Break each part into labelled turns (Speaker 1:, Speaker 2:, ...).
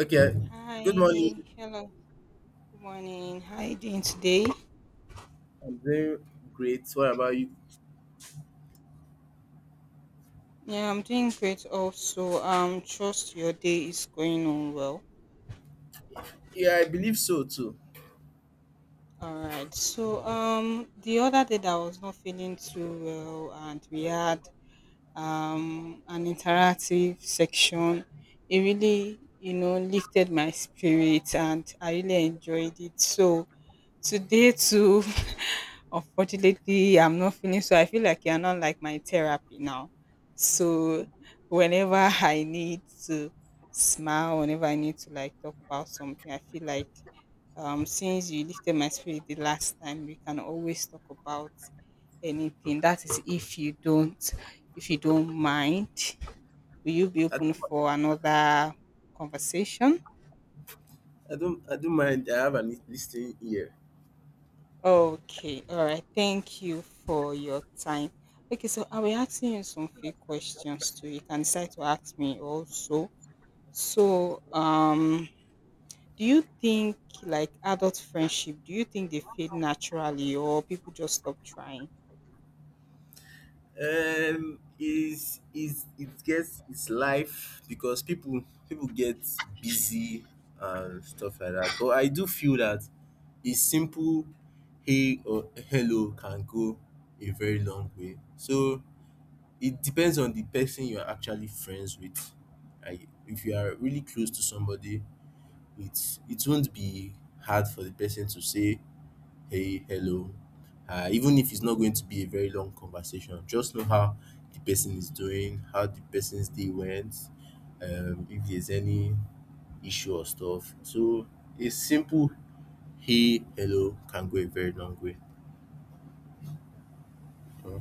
Speaker 1: Okay. Good morning.
Speaker 2: Hi, hello, good morning. How are you doing today?
Speaker 1: I'm doing great. What about you?
Speaker 2: Yeah, I'm doing great also. Trust your day is going on well.
Speaker 1: Yeah, I believe so too.
Speaker 2: All right. So the other day that I was not feeling too well and we had an interactive section. It really, lifted my spirit and I really enjoyed it. So today too, unfortunately, I'm not feeling so. I feel like you're not like my therapy now. So whenever I need to smile, whenever I need to like talk about something, I feel like since you lifted my spirit the last time, we can always talk about anything. That is if you don't mind. Will you be
Speaker 1: I don't,
Speaker 2: open for another conversation?
Speaker 1: I don't mind. I have an listening ear.
Speaker 2: Okay, all right. Thank you for your time. Okay, so I'll be asking you some few questions too. You can decide to ask me also. So, um, do you think like adult friendship, do you think they fade naturally or people just stop trying?
Speaker 1: Is it gets it's life because people get busy and stuff like that. But I do feel that a simple hey or hello can go a very long way. So it depends on the person you are actually friends with. Like if you are really close to somebody it won't be hard for the person to say hey hello even if it's not going to be a very long conversation, just know how the person is doing, how the person's day went, if there's any issue or stuff. So a simple hey hello can go a very long way. Uh,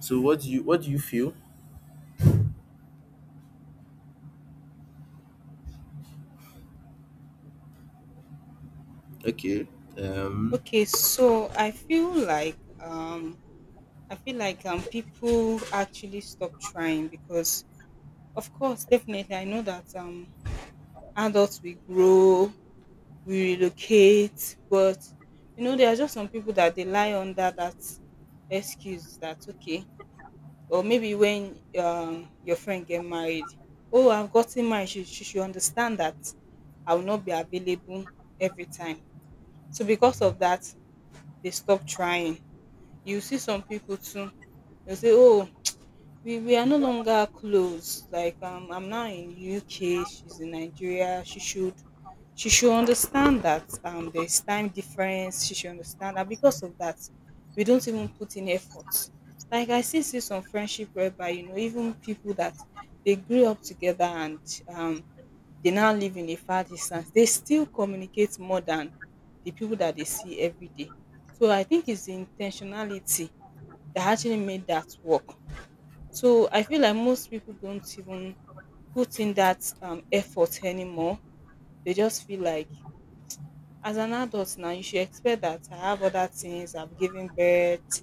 Speaker 1: so what do you feel? Okay. Um,
Speaker 2: Okay, so I feel like people actually stop trying because of course definitely I know that adults will grow, we relocate, but you know there are just some people that they lie under that excuse that okay, or maybe when your friend get married, oh, I've gotten married, she should understand that I will not be available every time. So because of that they stop trying. You see some people too, they say oh, we are no longer close. Like I'm now in UK, she's in Nigeria. She should understand that there's time difference. She should understand that because of that, we don't even put in effort. Like I still see some friendship whereby you know even people that they grew up together and um they now live in a far distance, they still communicate more than the people that they see every day. So I think it's the intentionality that actually made that work. So I feel like most people don't even put in that effort anymore. They just feel like, as an adult now, you should expect that I have other things. I've given birth.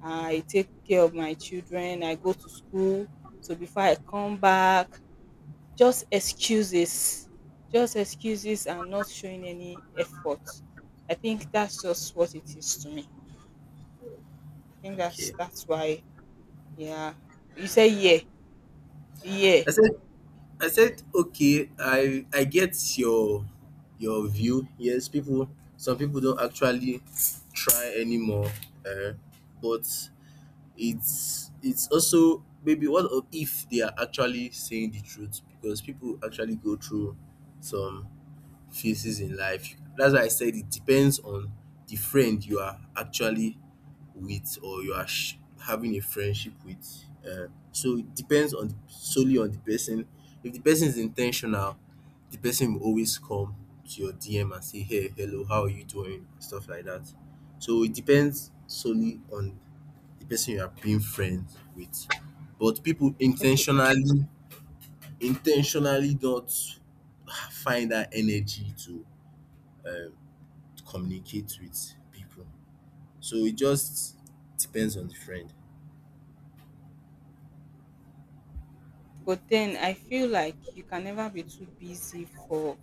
Speaker 2: I take care of my children. I go to school. So before I come back, just excuses, just excuses, and not showing any effort. I think that's just what it is to me. I think that's
Speaker 1: okay,
Speaker 2: that's why. Yeah, you say yeah, yeah.
Speaker 1: i said I said, okay, I get your view. Yes, people, some people don't actually try anymore, uh, but it's also, maybe what if they are actually saying the truth, because people actually go through some phases in life. That's why I said it depends on the friend you are actually with, or you are having a friendship with. So it depends on solely on the person. If the person is intentional, the person will always come to your DM and say, "Hey, hello, how are you doing?" Stuff like that. So it depends solely on the person you are being friends with. But people
Speaker 2: Okay,
Speaker 1: intentionally don't find that energy to uh, communicate with people. So it just depends on the friend.
Speaker 2: but then I feel like you can never be too busy for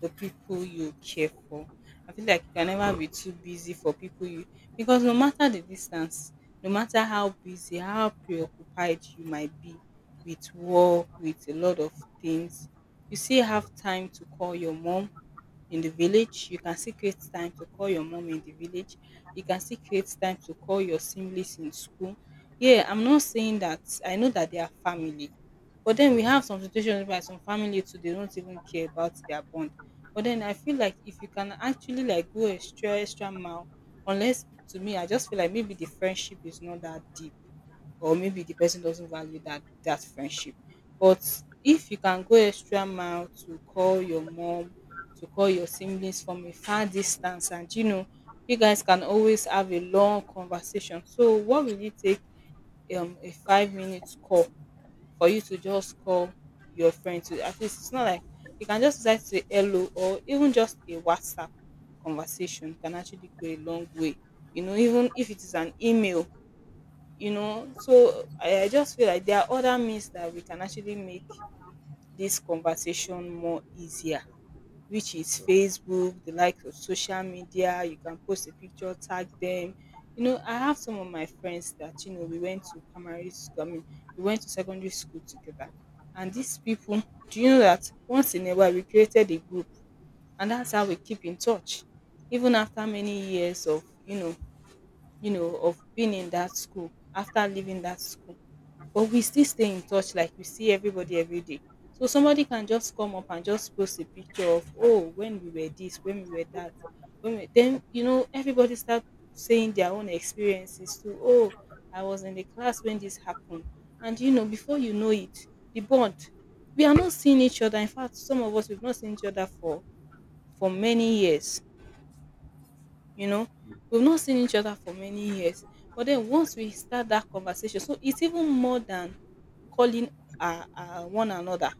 Speaker 2: the people you care for. I feel like you can never be too busy for people you, because no matter the distance, no matter how busy, how preoccupied you might be with work, with a lot of things, you still
Speaker 1: Mm,
Speaker 2: have time to call your mom in the village, you can still create time to call your mom in the village, you can still create time to call your siblings in school. Yeah, I'm not saying that, I know that they are family, but then we have
Speaker 1: mm.
Speaker 2: some situations where some family too they don't even care about their bond. But then I feel like if you can actually like go extra extra mile, unless to me I just feel like maybe the friendship is not that deep or maybe the person doesn't value that friendship. But if you can go extra mile to call your mom, to call your siblings from a far distance, and you know you guys can always have a long conversation. So what will it take, a 5 minute call, for you to just call your friend? To at least, it's not like, you can just decide to say hello, or even just a WhatsApp conversation can actually go a long way. You know, even if it is an email, you know. So I just feel like there are other means that we can actually make this conversation more easier, which is Facebook, the likes of social media. You can post a picture, tag them. You know, I have some of my friends that, you know, we went to primary school, I mean, we went to secondary school together. And these people, do you know that once in a while we created a group, and that's how we keep in touch. Even after many years of, of being in that school, after leaving that school, but we still stay in touch, like we see everybody every day. So somebody can just come up and just post a picture of oh when we were this, when we were that, when we, then you know everybody start saying their own experiences too. Oh, I was in the class when this happened, and you know before you know it, the bond, we are not seeing each other, in fact some of us we've not seen each other for many years, you know, we've not seen each other for many years, but then once we start that conversation, so it's even more than calling one another,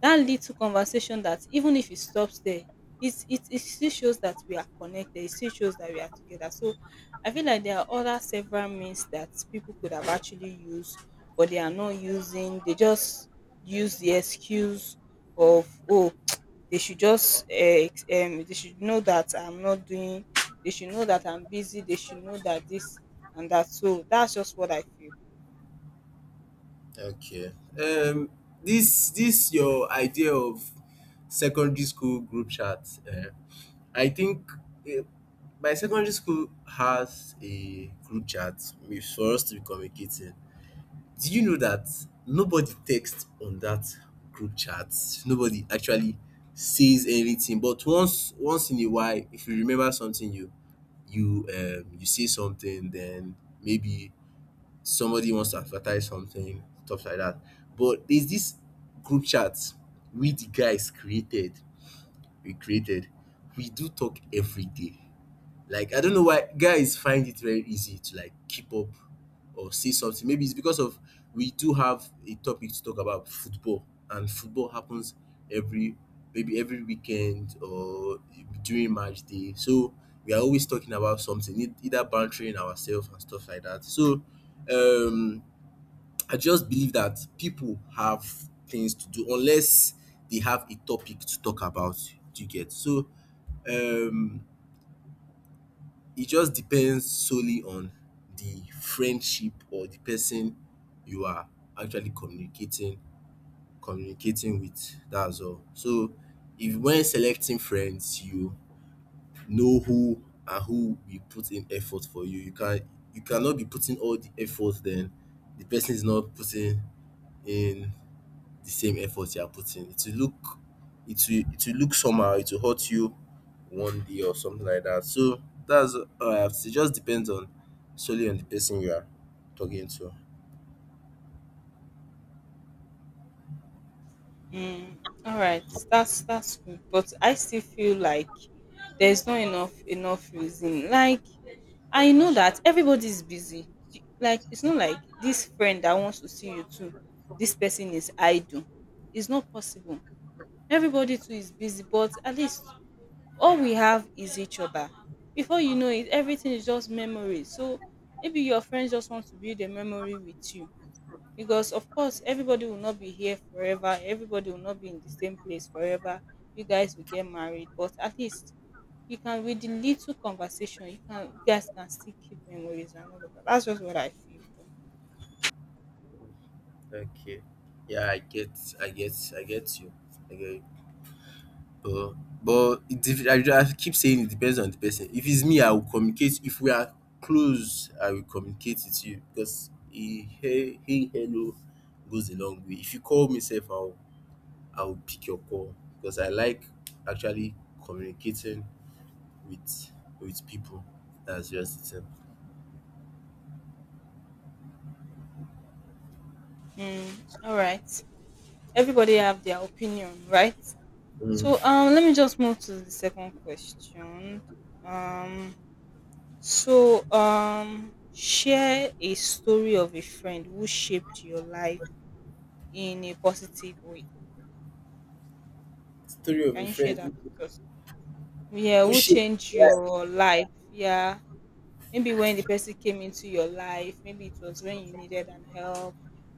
Speaker 2: that lead to conversation that even if it stops there, it still shows that we are connected, it still shows that we are together. So I feel like there are other several means that people could have actually used, but they are not using, they just use the excuse of oh, they should just they should know that I'm not doing, they should know that I'm busy, they should know that this and that. So that's just what I feel.
Speaker 1: Okay. Um, this your idea of secondary school group chat. I think uh, my secondary school has a group chat for us to be communicating. Do you know that nobody texts on that group chat? Nobody actually says anything, but once in a while, if you remember something, you you say something, then maybe somebody wants to advertise something, stuff like that. But there's this group chat we the guys created, we created, we do talk every day. Like I don't know why guys find it very easy to like keep up or say something. Maybe it's because of, we do have a topic to talk about, football, and football happens every, maybe every weekend or during match day. So we are always talking about something, either bantering ourselves and stuff like that. So um, I just believe that people have things to do unless they have a topic to talk about. Do you get so? Um, it just depends solely on the friendship or the person you are actually communicating with. That's all. So if when selecting friends you know who and who will put in effort for you, you can, you cannot be putting all the effort then the person is not putting in the same effort you are putting. It will look, it will look somehow, it will hurt you one day or something like that. So that's all I have to say. It just depends on, solely on the person you are talking to.
Speaker 2: Mm, all right, that's good, but I still feel like there's not enough reason. Like I know that everybody's busy. Like it's not like this friend that wants to see you too. This person is idle. It's not possible. Everybody too is busy, but at least all we have is each other. Before you know it, everything is just memories. So maybe your friends just want to build a memory with you, because of course everybody will not be here forever, everybody will not be in the same place forever, you guys will get married, but at least you can, with the little conversation you can, you guys can still keep memories and all of that. That's just what I feel though.
Speaker 1: Okay. Yeah, I get, I get you. I get you. But it I, I keep saying it depends on the person. If it's me, I will communicate. If we are close, I will communicate with you because he, hey, hello goes a long way. If you call me, safe, I would pick your call because I like actually communicating with people. That's just it.
Speaker 2: Mm, all right, everybody have their opinion, right?
Speaker 1: Um,
Speaker 2: So let me just move to the second question. um share a story of a friend who shaped your life in a positive way.
Speaker 1: story of a
Speaker 2: Can you share that
Speaker 1: friend
Speaker 2: with us? Yeah,
Speaker 1: who
Speaker 2: who
Speaker 1: shaped
Speaker 2: changed
Speaker 1: my life.
Speaker 2: your life? Yeah, maybe when the person came into your life, maybe it was when you needed an help.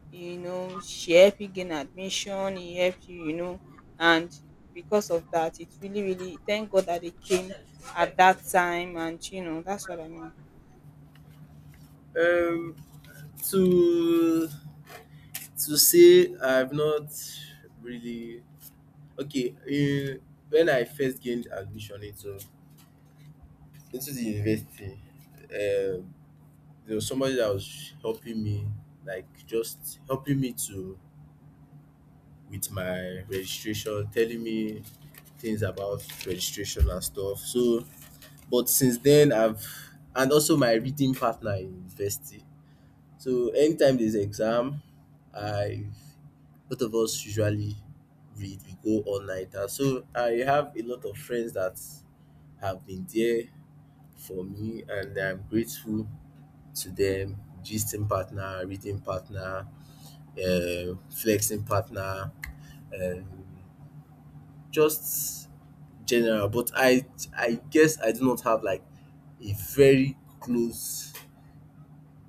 Speaker 2: You know, she helped you gain admission. He helped you, you know, and because of that, it's really, really, thank God that they came at that time, and you know, that's what I mean.
Speaker 1: Um, to say I've not really, okay. When I first gained admission into the university, um, there was somebody that was helping me, like just helping me to with my registration, telling me things about registration and stuff. So, but since then, I've, and also my reading partner in university. So, anytime there's exam, I both of us usually read, we go all nighter. So, I have a lot of friends that have been there for me, and I'm grateful to them. Gisting partner, reading partner, flexing partner. Um, just general, but I guess I do not have like a very close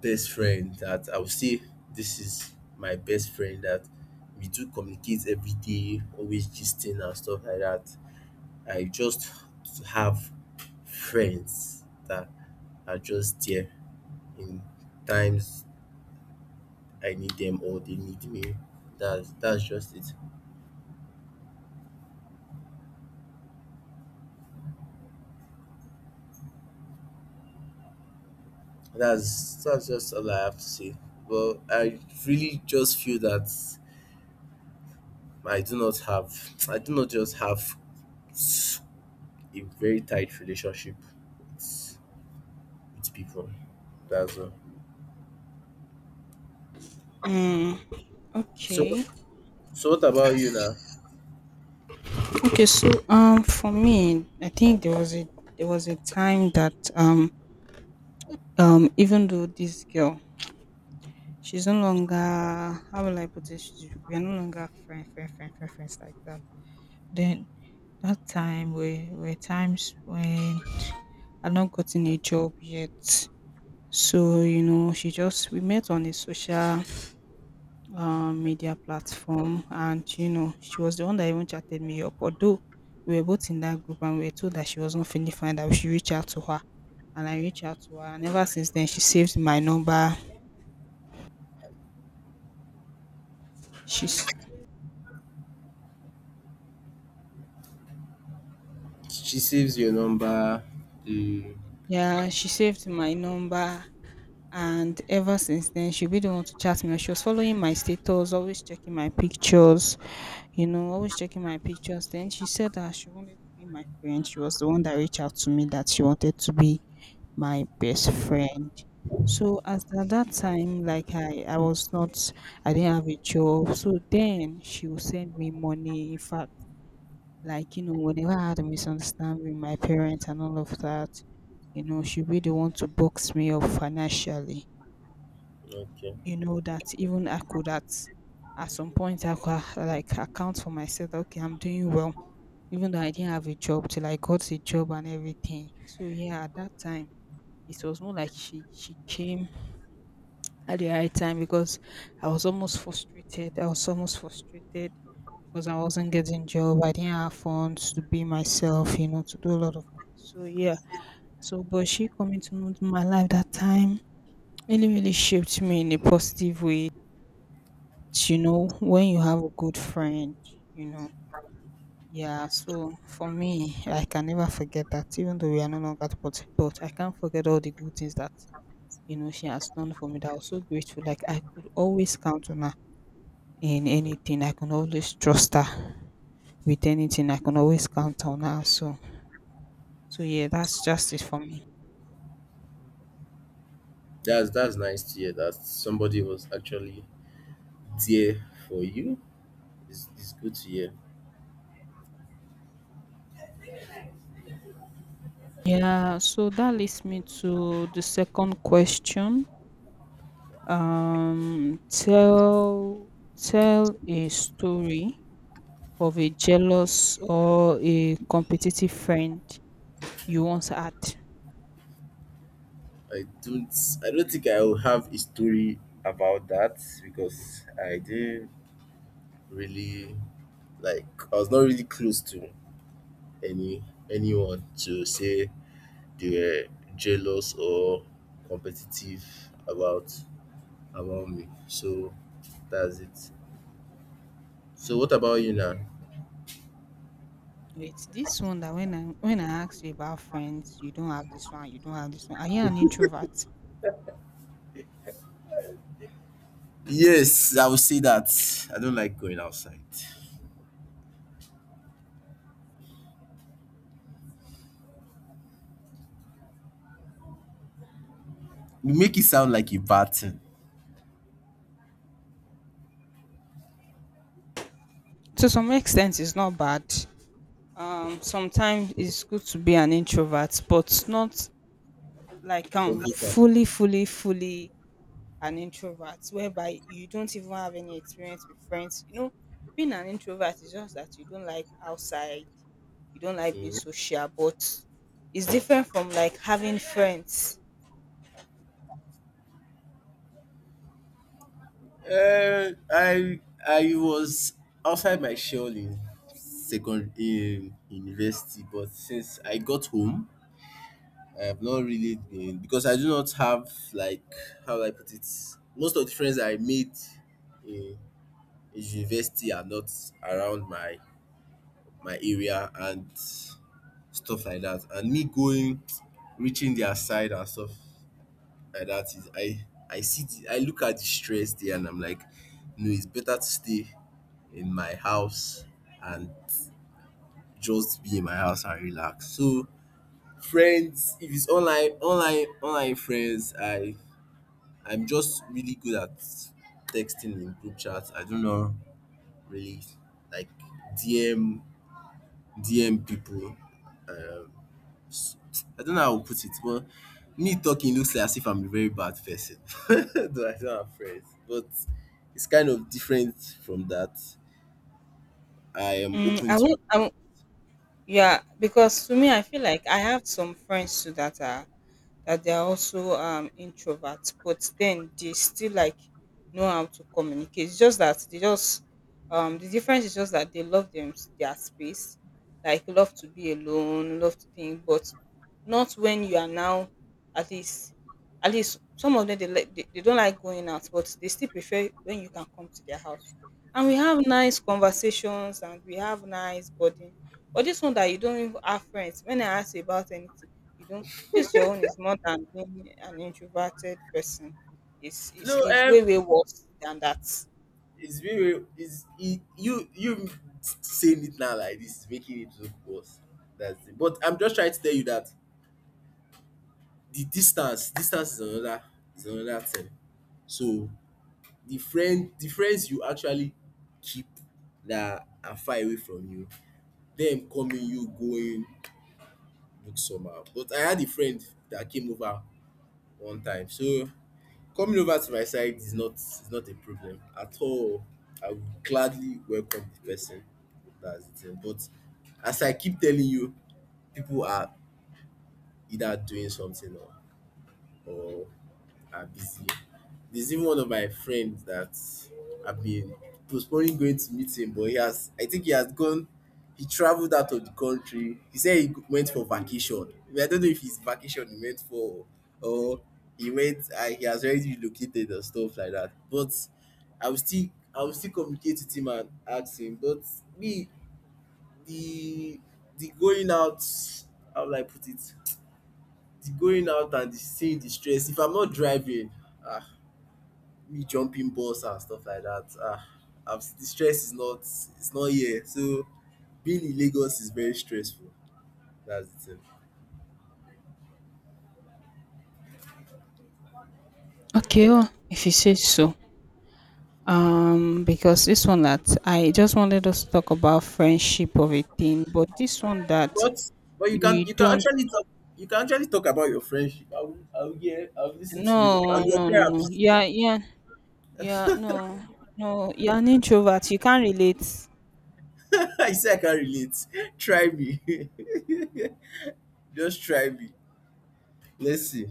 Speaker 1: best friend that I would say this is my best friend that we do communicate every day, always gisting and stuff like that. I just have friends that are just there in times I need them or they need me. That's just it. That's just all I have to say. But I really just feel that I do not just have a very tight relationship with, with people. That's all.
Speaker 2: Mm,
Speaker 1: So what,
Speaker 2: okay.
Speaker 1: so what about you now?
Speaker 2: Okay, so for me, I think there was a, there was a time that even though this girl, she's no longer, how will I put it? She's, we are no longer friends like that. Then that time were times when I'd not gotten a job yet. So, you know, she just, we met on a social media platform, and you know, she was the one that even chatted me up. Although we were both in that group and we were told that she was not feeling fine, that we should reach out to her. And I reached out to her and ever since then she saved my number. She's,
Speaker 1: She saves your number. Mm,
Speaker 2: yeah, she saved my number, and ever since then she'll be the one to chat me, she was following my status, always checking my pictures, you know, always checking my pictures. Then she said that she wanted to be my friend, she was the one that reached out to me that she wanted to be my best friend. So as at that time, like I was not, I didn't have a job, so then she would send me money. In fact, like you know whenever I had a misunderstanding with my parents and all of that, you know she'd be the one to box me up financially,
Speaker 1: okay.
Speaker 2: you know, that even I could at some point I could, like account for myself that, okay, I'm doing well, even though I didn't have a job till I got a job and everything. So yeah, at that time it was more like she came at the right time because I was almost frustrated. I was almost frustrated because I wasn't getting job. I didn't have funds to be myself, you know, to do a lot of things. So yeah. So but she coming to know my life that time really shaped me in a positive way. You know when you have a good friend you know Yeah, so for me, I can never forget that. Even though we are no longer, but I can't forget all the good things that, you know, she has done for me, that I was so grateful. Like, I could always count on her in anything, I can always trust her with anything, I can always count on her. So yeah, that's just it for me.
Speaker 1: That's nice to hear that somebody was actually there for you. It's good to hear.
Speaker 2: Yeah, so that leads me to the second question. Um tell tell a story of a jealous or a competitive friend you once had?
Speaker 1: I don't I don't think I will have a story about that because I didn't really like, I was not really close to any, anyone to say they were jealous or competitive about about me. So that's it. So what about you now?
Speaker 2: Wait, this one that, when I asked you about friends, you don't have this one, you don't have this one. Are you an introvert?
Speaker 1: Yes, I will say that. I don't like going outside. You make it sound like a bad thing.
Speaker 2: To some extent, it's not bad. Sometimes it's good to be an introvert, but not like
Speaker 1: Every time.
Speaker 2: fully an introvert whereby you don't even have any experience with friends. You know, being an introvert is just that you don't like outside, you don't like being
Speaker 1: Mhm.
Speaker 2: social, but it's different from like having friends.
Speaker 1: I was outside my shell in second, in university, but since I got home, I have not really been because I do not have like, how do I put it. Most of the friends I made in, in university are not around my area and stuff like that. And me going, reaching their side and stuff. I that is I see the, I look at the stress there and I'm like, no, it's better to stay in my house and just be in my house and relax. So friends, if it's online online friends, I I'm just really good at texting in group chats. I don't know really like DM people. Um, I don't know how to put it, but me talking looks like as if I'm a very bad person. Though I don't have friends, but it's kind of different from that. I am
Speaker 2: Mm,
Speaker 1: open
Speaker 2: I
Speaker 1: to.
Speaker 2: won't, I won't, yeah, because to me, I feel like I have some friends too that are that they are also introverts, but then they still like know how to communicate. It's just that they just the difference is just that they love them their space, like love to be alone, love to think, but not when you are now at least, at least some of them, they, like they don't like going out, but they still prefer when you can come to their house. And we have nice conversations and we have nice bonding. But this one that you don't even have friends. When I ask you about anything, you don't. Choose your own is more than being an introverted person. It's,
Speaker 1: No,
Speaker 2: it's, it's way worse than that.
Speaker 1: it's very it's it, you saying it now like this making it look worse. That's it. But I'm just trying to tell you that the distance is another, is another thing. So the friend, the friends you actually keep that are far away from you, them coming, you going look somehow. But I had a friend that came over one time. So coming over to my side is not, is not a problem at all. I would gladly welcome the person. That's the thing. But as I keep telling you, people are either doing something or or are busy. There's even one of my friends that I've been postponing going to meet him, but he has, I think he has gone, he traveled out of the country. He said he went for vacation. I don't know if his vacation he went for or he went, he has already relocated and stuff like that. But I will still, I will still communicate with him and ask him. But me, the, the going out, how will I put it? The going out and the seeing the stress. If I'm not driving, ah, me jumping balls and stuff like that. Ah, I'm, the stress is not, it's not here. So being in Lagos is very stressful. That's the thing.
Speaker 2: Okay, oh, if you say so. Because this one that I just wanted us to talk about friendship of a thing, but this one that
Speaker 1: But
Speaker 2: you
Speaker 1: you can
Speaker 2: don't.
Speaker 1: actually talk, you can actually talk about your friendship. I will hear, I will listen to you. I'm
Speaker 2: No,
Speaker 1: your
Speaker 2: no, no, no.
Speaker 1: therapist.
Speaker 2: Yeah, yeah, yeah. No, no. You're an introvert. You can't relate.
Speaker 1: I say I can relate. Try me. Just try me. Let's see.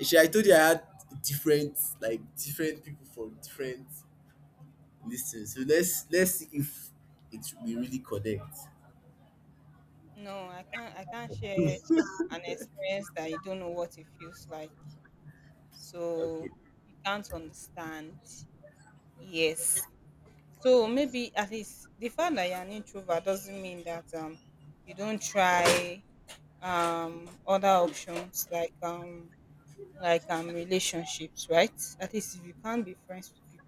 Speaker 1: She, I told you I had different, like different people from different listings. So let's see if it we really connect.
Speaker 2: No, I can't share an experience that you don't know what it feels like.
Speaker 1: Okay.
Speaker 2: So you can't understand, yes. So maybe at least the fact that you're an introvert doesn't mean that you don't try other options, like relationships, right? At least if you can't be friends with people,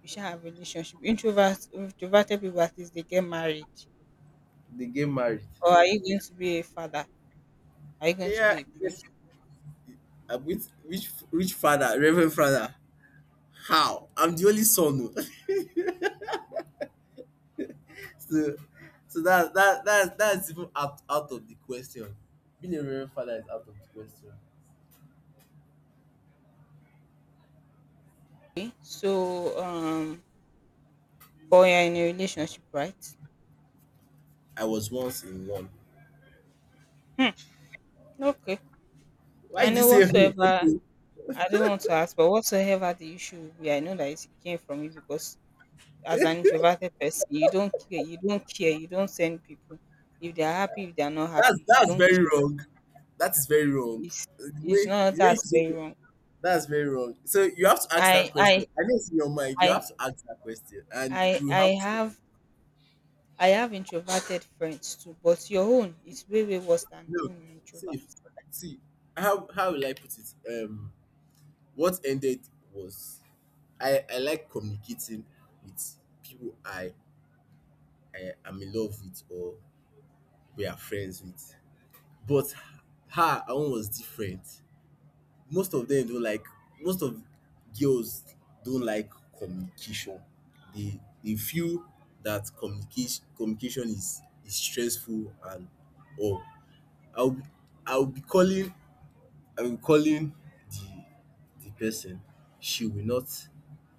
Speaker 2: you should have relationship. Introverts, introverted people, at least they get married.
Speaker 1: They get married.
Speaker 2: Or are you going to be a father? Are you going to
Speaker 1: Yeah,
Speaker 2: be a
Speaker 1: yes.
Speaker 2: priest?
Speaker 1: I'm with rich, rich father, reverend father. How? I'm the only son. Oh. So, so that's even out, out of the question. Being a reverend father is out of the question.
Speaker 2: So but you're in a relationship, right?
Speaker 1: I was once in one.
Speaker 2: Okay,
Speaker 1: Why
Speaker 2: I
Speaker 1: did you
Speaker 2: know
Speaker 1: say who?
Speaker 2: whatsoever.
Speaker 1: Okay.
Speaker 2: I don't want to ask, but whatsoever the issue will be, I know that it came from you, because as an introverted person, you don't care, you don't send people. If they are happy, if they are not
Speaker 1: that's
Speaker 2: happy, you
Speaker 1: that's
Speaker 2: don't
Speaker 1: very
Speaker 2: care.
Speaker 1: wrong. That is very wrong.
Speaker 2: It's it's not
Speaker 1: The way you
Speaker 2: that's
Speaker 1: said
Speaker 2: very
Speaker 1: it,
Speaker 2: wrong.
Speaker 1: that's very wrong. So you have to ask that
Speaker 2: I
Speaker 1: question.
Speaker 2: I
Speaker 1: I know it's in your mind. You
Speaker 2: I
Speaker 1: have to ask that question, and
Speaker 2: I
Speaker 1: we have
Speaker 2: I
Speaker 1: to.
Speaker 2: have, I have introverted friends too, but your own is way worse than
Speaker 1: No,
Speaker 2: being an introvert.
Speaker 1: see, see, how will I put it? What ended was, I like communicating with people I am in love with or we are friends with, but her own was different. Most of them don't like most of girls don't like communication. They feel that communication is stressful and or I'll I'll be calling I'm calling the the person, she will not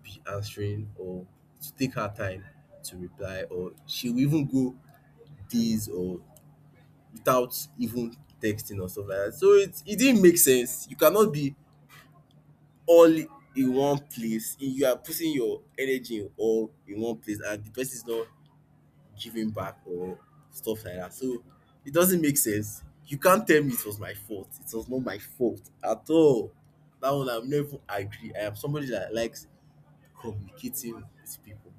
Speaker 1: be answering or to take her time to reply, or she will even go days or without even texting or stuff like that. So it didn't make sense. You cannot be all in one place. You are putting your energy in all in one place and the person is not giving back or stuff like that. So it doesn't make sense. You can't tell me it was my fault. It was not my fault at all. That one I'm never agree. I am somebody that likes communicating with people.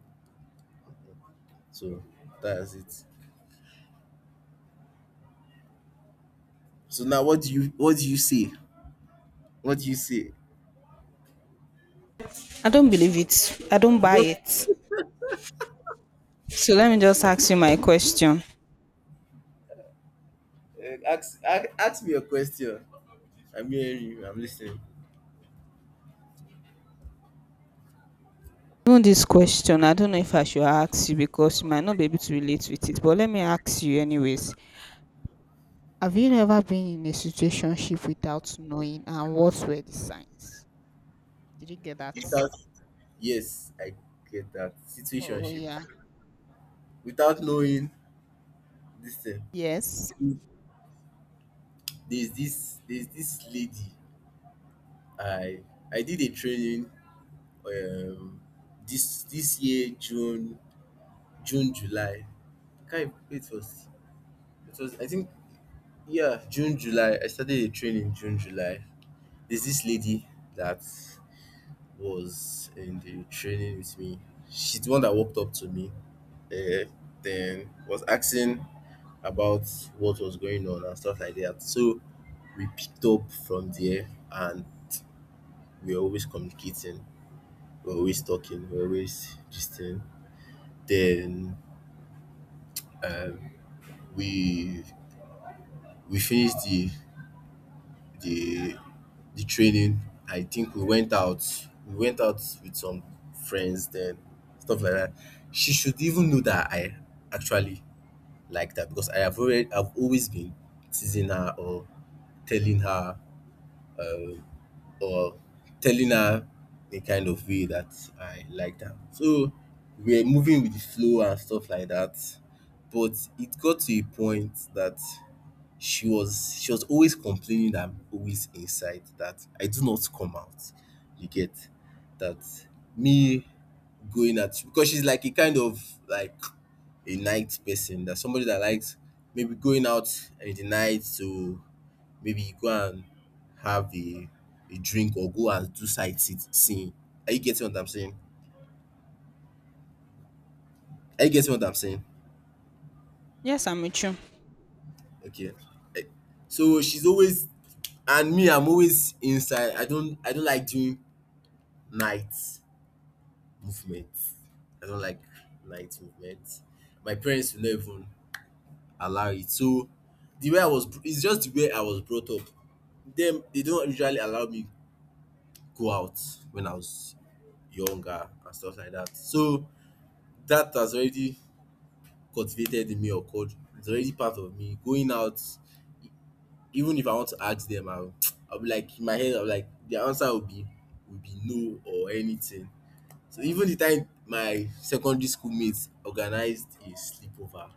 Speaker 1: So that's it. So now what do you say? What do you say?
Speaker 2: I don't believe it. I don't
Speaker 1: You
Speaker 2: buy
Speaker 1: do
Speaker 2: it. So let me just ask you my question.
Speaker 1: ask me a question. I'm hearing you, I'm listening.
Speaker 2: Even this question, I don't know if I should ask you because you might not be able to relate with it, but let me ask you anyways. Have you ever been in a situationship without knowing, and what were the signs? Did you get that?
Speaker 1: Without yes, I get that.
Speaker 2: Oh
Speaker 1: Situationship.
Speaker 2: yeah.
Speaker 1: Without knowing this thing.
Speaker 2: Yes.
Speaker 1: There's this lady I I did a training um this year June June July. Kind it was I think yeah, June July. I started a training June July. There's this lady that was in the training with me. She's the one that walked up to me. Uh, then was asking about what was going on and stuff like that. So we picked up from there and we are always communicating. We're always talking, we're always gisting. Then um, we we finished the the training. I think we went out. We went out with some friends then stuff like that. She should even know that I actually like that because I have already I've always been teasing her or telling her um, or telling her the kind of way that I liked her. So we were moving with the flow and stuff like that. But it got to a point that she was always complaining that I'm always inside, that I do not come out. You get that me going at because she's like a kind of like a night person, that somebody that likes maybe going out in the night to maybe go and have a drink or go and do seeing. Are you getting what I'm saying? Are you getting what I'm saying?
Speaker 2: Yes, I'm with you.
Speaker 1: Okay. Eh, So she's always and me I'm always inside. I don't like doing night movement. I don't like night movement. My parents will not even allow it. So the way I was br- it's just the way I was brought up. Them they don't usually allow me go out when I was younger and stuff like that. So that has already cultivated in me or code, it's already part of me. Going out, even if I want to ask them, I'll be like in my head, I'll be like the answer will be no or anything. So even the time my secondary school mates organized a sleepover,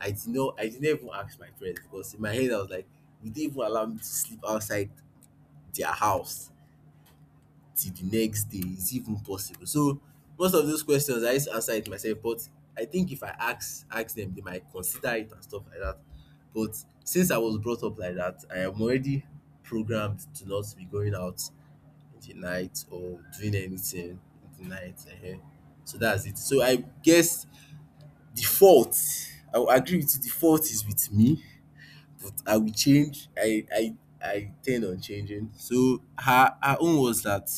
Speaker 1: I didn't even ask my friends because in my head I was like, would they even allow me to sleep outside their house? Till the next day, is it even possible? So most of those questions I used to answer it myself, but I think if I ask them, they might consider it and stuff like that. But since I was brought up like that, I am already programmed to not be going out in the night or doing anything in the night. So that's it. So I guess the fault, I will agree with you, the fault is with me, but I will change. I tend on changing. So her her own was that,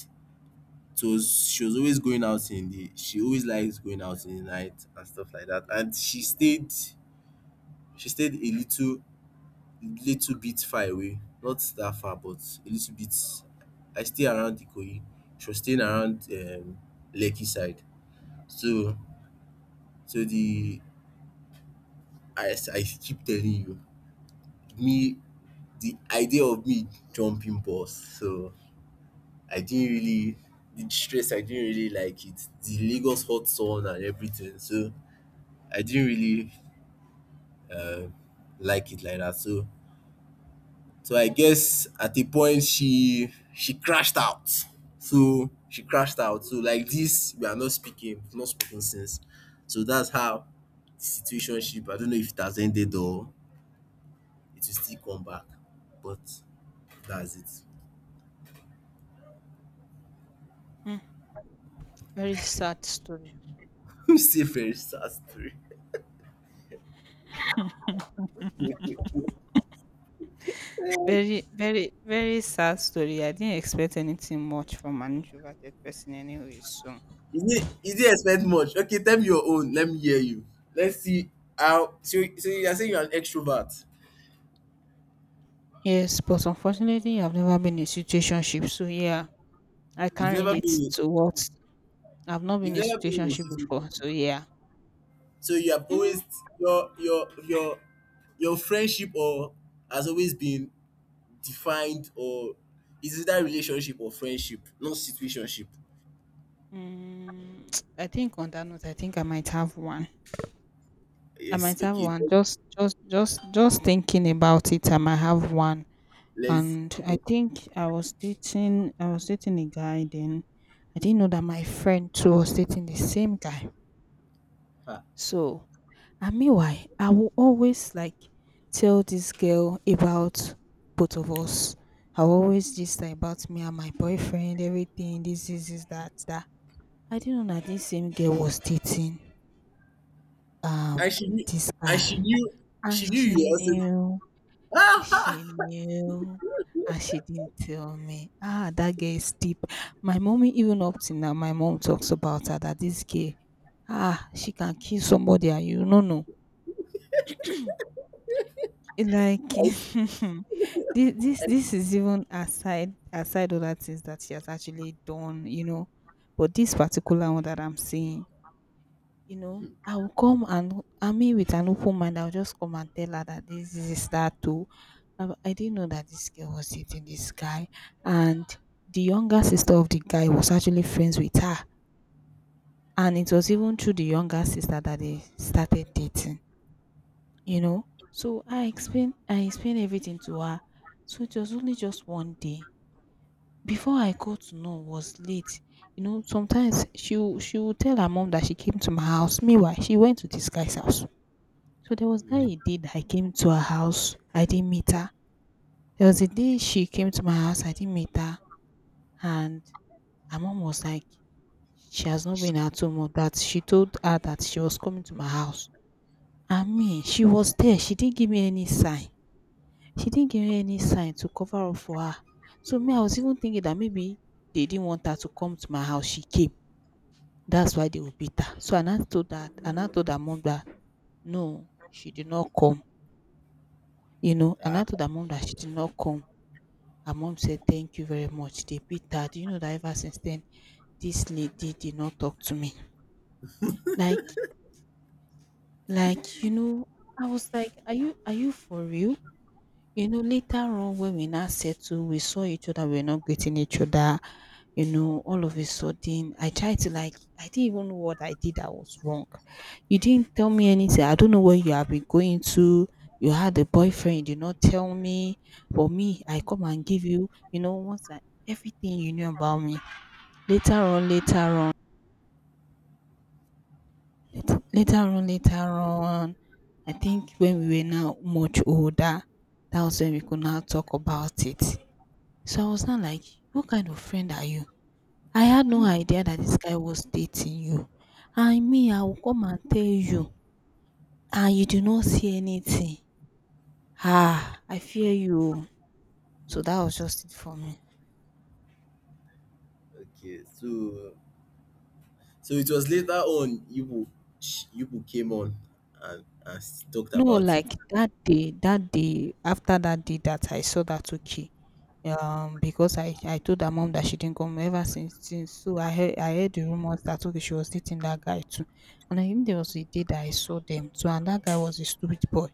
Speaker 1: so she was always going out in the, she always likes going out in the night and stuff like that. And she stayed a little bit far away, not that far, but a little bit. I stay around Ikoyi. She was staying around Lekki side. So so the, as I keep telling you, me the idea of me jumping bus. So I didn't really the stress. I didn't really like it. The Lagos hot sun and everything. So I didn't really um, like it like that. So I guess at a point she crashed out. So she crashed out. So like this, we are not speaking, we've not speaking since. So that's how the situationship. I don't know if it has ended or it will still come back. But that's it.
Speaker 2: Mm, very sad story.
Speaker 1: Still very sad story.
Speaker 2: Very sad story. I didn't expect anything much from an introverted person anyway, so.
Speaker 1: You didn't expect much. Okay, tell me your own. Let me hear you. Let's see how. So, you are saying you're an extrovert.
Speaker 2: Yes, but unfortunately, I've never been in a situationship, so yeah, I
Speaker 1: You've
Speaker 2: can't
Speaker 1: never
Speaker 2: relate
Speaker 1: been.
Speaker 2: to what. I've not been
Speaker 1: You've
Speaker 2: in a
Speaker 1: never been in a
Speaker 2: situationship
Speaker 1: situation.
Speaker 2: before, so yeah.
Speaker 1: So you have
Speaker 2: Mm,
Speaker 1: always your your friendship or has always been defined or is either relationship or friendship, not situationship.
Speaker 2: mm, I think on that note, I think I might have one. I
Speaker 1: Yes,
Speaker 2: might have
Speaker 1: okay.
Speaker 2: one. Just thinking about it, I might have one.
Speaker 1: Let's
Speaker 2: And I think I was dating a guy. Then I didn't know that my friend too was dating the same guy.
Speaker 1: ah.
Speaker 2: So and meanwhile, I will always like tell this girl about both of us. I will always just her about me and my boyfriend, everything, this, that, that. I didn't know that this same girl was dating um
Speaker 1: and she knew
Speaker 2: this
Speaker 1: and she
Speaker 2: guy.
Speaker 1: knew
Speaker 2: And
Speaker 1: she knew you were. Ah.
Speaker 2: she knew, and she didn't tell me. Ah, that girl is deep. My mommy, even up to now, my mom talks about her that this girl, ah, she can kill somebody and you no know. It like this is even aside other things that she has actually done, you know. But this particular one that I'm saying, you know, I will come and, I mean, with an open mind, I'll just come and tell her that this is that too. I didn't know that this girl was dating this guy. And the younger sister of the guy was actually friends with her, and it was even through the younger sister that they started dating. You know, so I explain everything to her. So it was only just one day before I got to know was late. You know, sometimes she would tell her mom that she came to my house, meanwhile she went to this guy's house. So there was that
Speaker 1: Mm,
Speaker 2: a day that I came to her house, I didn't meet her. There was a day she came to my house, I didn't meet her. And her mom was like, she has not been at home, or that she told her that she was coming to my house. I mean, she was there, she didn't give me any sign. She didn't give me any sign to cover up for her. So me, I was even thinking that maybe they didn't want her to come to my house. She came. That's why they would beat her. So and I told her mom that no, she did not come. You know, and
Speaker 1: ah,
Speaker 2: I told her mom that she did not come. Her mom said, thank you very much. They beat her. Do you know that ever since then, this lady did not talk to me. Like, like, you know, I was like, are you, are you for real? You know, later on when we now settled, we saw each other, we were not getting each other. You know, all of a sudden, I tried to like, I didn't even know what I did that was wrong. You didn't tell me anything. I don't know where you have been going to. You had a boyfriend, you did not tell me. For me, I come and give you, you know, once I, everything you knew about me. Later on, later on, lat- later on, later on, I think when we were now much older, that was when we could now talk about it. So I was not like, what kind of friend are you? I had no idea that this guy was dating you. And me, I will come and tell you. And you do not see anything. Ah, I fear you. O." So that was just it for me.
Speaker 1: okay. So it was later on Ibu sh- came on and talked
Speaker 2: No,
Speaker 1: about it.
Speaker 2: like that day, after that day that I saw that okay. Because I told her mom that she didn't come ever since. So I heard the rumors that okay, she was dating that guy too. And I think there was a day that I saw them too, and that guy was a stupid boy.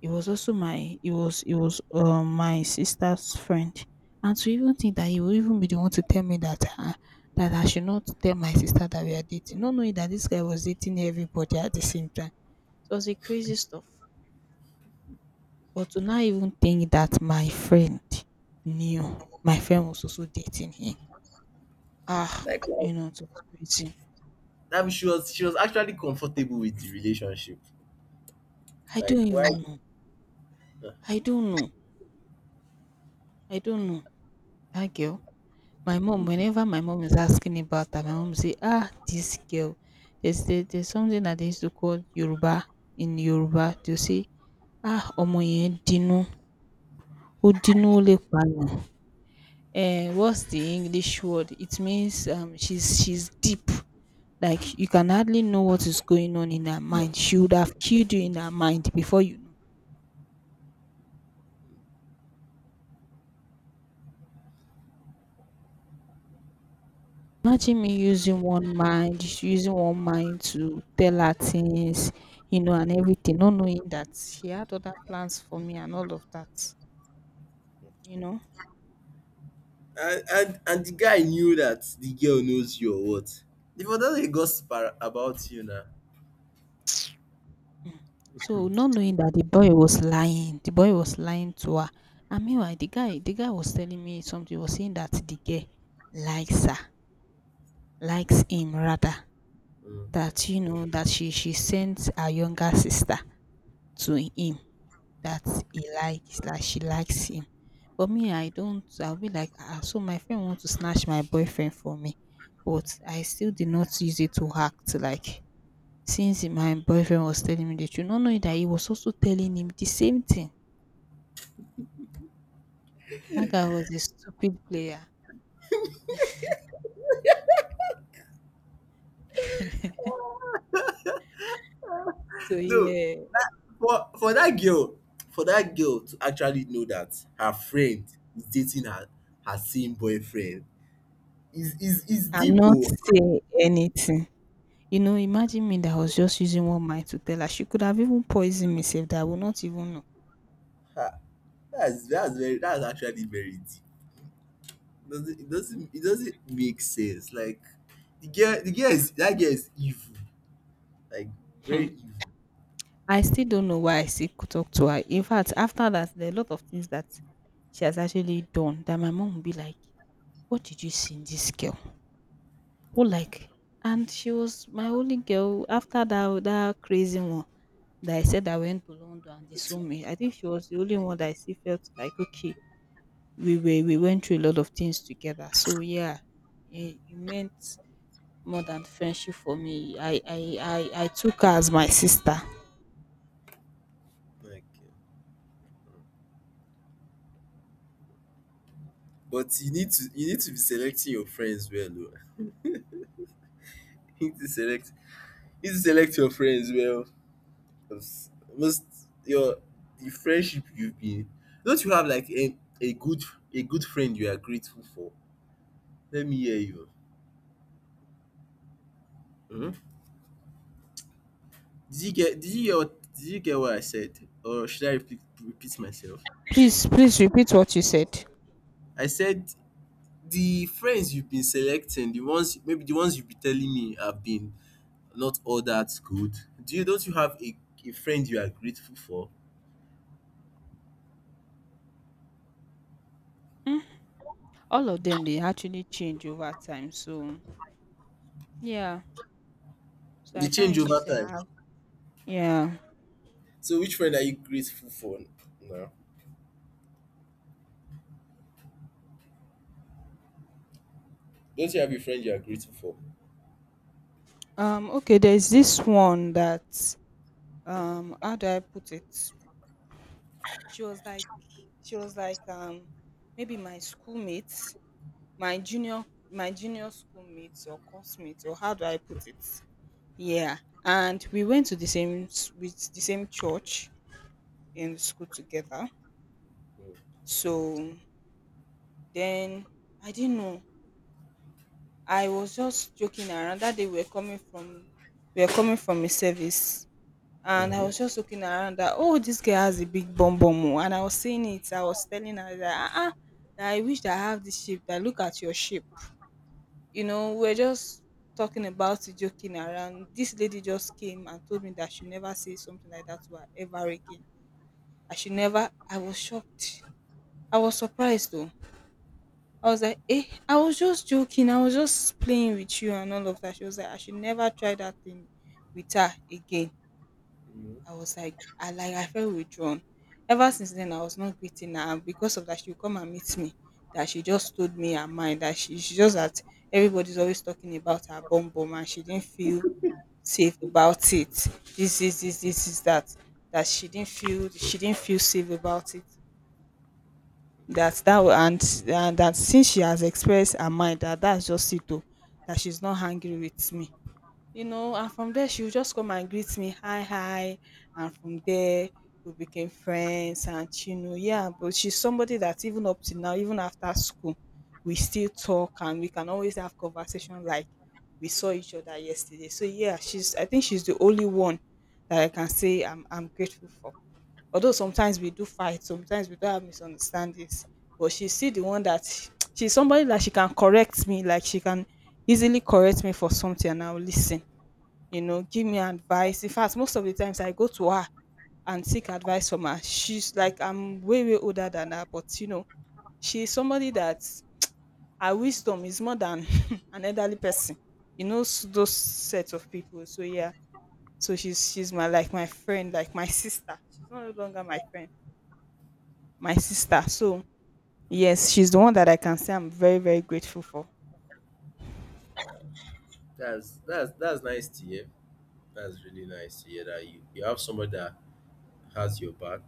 Speaker 2: It was also my. It was my sister's friend. And to even think that he will even be the one to tell me that that I should not tell my sister that we are dating, not knowing that this guy was dating everybody at the same time. It was the crazy stuff. But to not even think that my friend knew, my friend was also dating him. Ah, you know, it was crazy.
Speaker 1: That means she was actually comfortable with the relationship.
Speaker 2: I don't
Speaker 1: Like why.
Speaker 2: even know. I don't know. I don't know. That girl. My mom, whenever my mom is asking about her, my mom say, ah, this girl, there's something that they used to call Yoruba. In Yoruba they'll say, ah, ọmọ yẹn dinú, ó dinú ó lè pààyàn. Eh, what's the English word? It means, she's deep. Like, you can hardly know what is going on in her mind. She would have killed you in her mind before you know. Imagine me using one mind, just using one mind to tell her things, you know, and everything, not knowing that she had other plans for me and all of that, you know.
Speaker 1: And the guy knew that the girl knows you or what? If for that gossip about you now.
Speaker 2: Mm. So not knowing that the boy was lying, the boy was lying to her. And meanwhile, the guy was telling me something, was saying that the girl likes her, likes him rather.
Speaker 1: Mm.
Speaker 2: That you know that she sent her younger sister to him that he likes like she likes him. But me, I don't. I'll be like, ah, so my friend wants to snatch my boyfriend from me, but I still did not use it to act like, since my boyfriend was telling me the truth, not knowing that he was also telling him the same thing. That guy was a stupid player. So
Speaker 1: No,
Speaker 2: yeah,
Speaker 1: for that girl, for that girl to actually know that her friend is dating her her same boyfriend is
Speaker 2: I'm
Speaker 1: deep.
Speaker 2: not
Speaker 1: Oh,
Speaker 2: saying anything. Imagine me, that I was just using one mind to tell her. She could have even poisoned me sef, that I would not even know.
Speaker 1: ah, that's very, that's actually very deep. It doesn't, it doesn't make sense? Like the girl is that girl is evil, like very
Speaker 2: Hmm.
Speaker 1: evil.
Speaker 2: I still don't know why talk to her. In fact, after that, there are a lot of things that she has actually done that my mom will be like, "What did you see in this girl? What like?" And she was my only girl after that, that crazy one that I said I went to London and they saw me. I think she was the only one that I still felt like, okay, we went through a lot of things together. So yeah, it meant more than friendship for me. I took her as my sister.
Speaker 1: Like, but you need to, you need to be selecting your friends well, oh. You need to select, you need to select your friends well, cause most your the friendship you've been, don't you have like a good, a good friend you are grateful for? Let me hear you. um Did you get, did you hear what, did you get what I said, or should I repeat myself?
Speaker 2: Please, please repeat what you said.
Speaker 1: I said the friends you've been selecting, the ones maybe the ones you've been telling me have been not all that good. Do you, don't you have a friend you are grateful for?
Speaker 2: Mm, all of them, they actually change over time. So yeah. So
Speaker 1: They
Speaker 2: I
Speaker 1: change
Speaker 2: can't really
Speaker 1: over
Speaker 2: say I
Speaker 1: time.
Speaker 2: have. Yeah.
Speaker 1: So which friend are you grateful for now? Don't you have a friend you are grateful for?
Speaker 2: Okay, there's this one that, how do I put it? She was like she was like, maybe my schoolmates, my junior my junior schoolmates, or coursemates, or how do I put it? Yeah, and we went to the same s- with the same church in school together.
Speaker 1: Mm.
Speaker 2: So then I didn't know. I was just joking around that day. We were coming from a service, and I
Speaker 1: Mm-hmm.
Speaker 2: was just looking around that, "Oh, this girl has a big bum bum, oh," and I was saying it. I was telling her that, ah, ah, that I wish that I have this shape. That, look at your shape. You know, we're just talking about it, joking around. This lady just came and told me that she never say something like that to her ever again. I should never. I was shocked. I was surprised though. I was like, eh, I was just joking. I was just playing with you and all of that. She was like, I should never try that thing with her again. I was like, I felt withdrawn. Ever since then, I was not greeting her. And because of that, she would come and meet me. That she just told me her mind. That she just that everybody's always talking about her bum bum and she didn't feel safe about it. This is that. That she didn't feel safe about it, that that wa- and that since she has expressed her mind, that that's just it o, that she's not angry with me. You know, and from there she will just come and greet me, hi hi, and from there we became friends. And, you know, yeah, but she's somebody that even up to now, even after school, we still talk, and we can always have conversation. Like, we saw each other yesterday. So yeah, she's, I think she's the only one that I can say I'm grateful for. Although sometimes we do fight, sometimes we do have misunderstandings, but she's still the one that she's somebody that she can correct me. Like, she can easily correct me for something and I'll listen, you know, give me advice. In fact, most of the times I go to her and seek advice from her. She's like, I'm way, way older than her, but you know, she's somebody that her wisdom is more than an elderly person. You know, those sets of people. So yeah. So she's my, like my friend, like my sister. She's no longer my friend. My sister. So yes, she's the one that I can say I'm very, very grateful for.
Speaker 1: That's nice to hear. That's really nice to hear that you have somebody that has your back,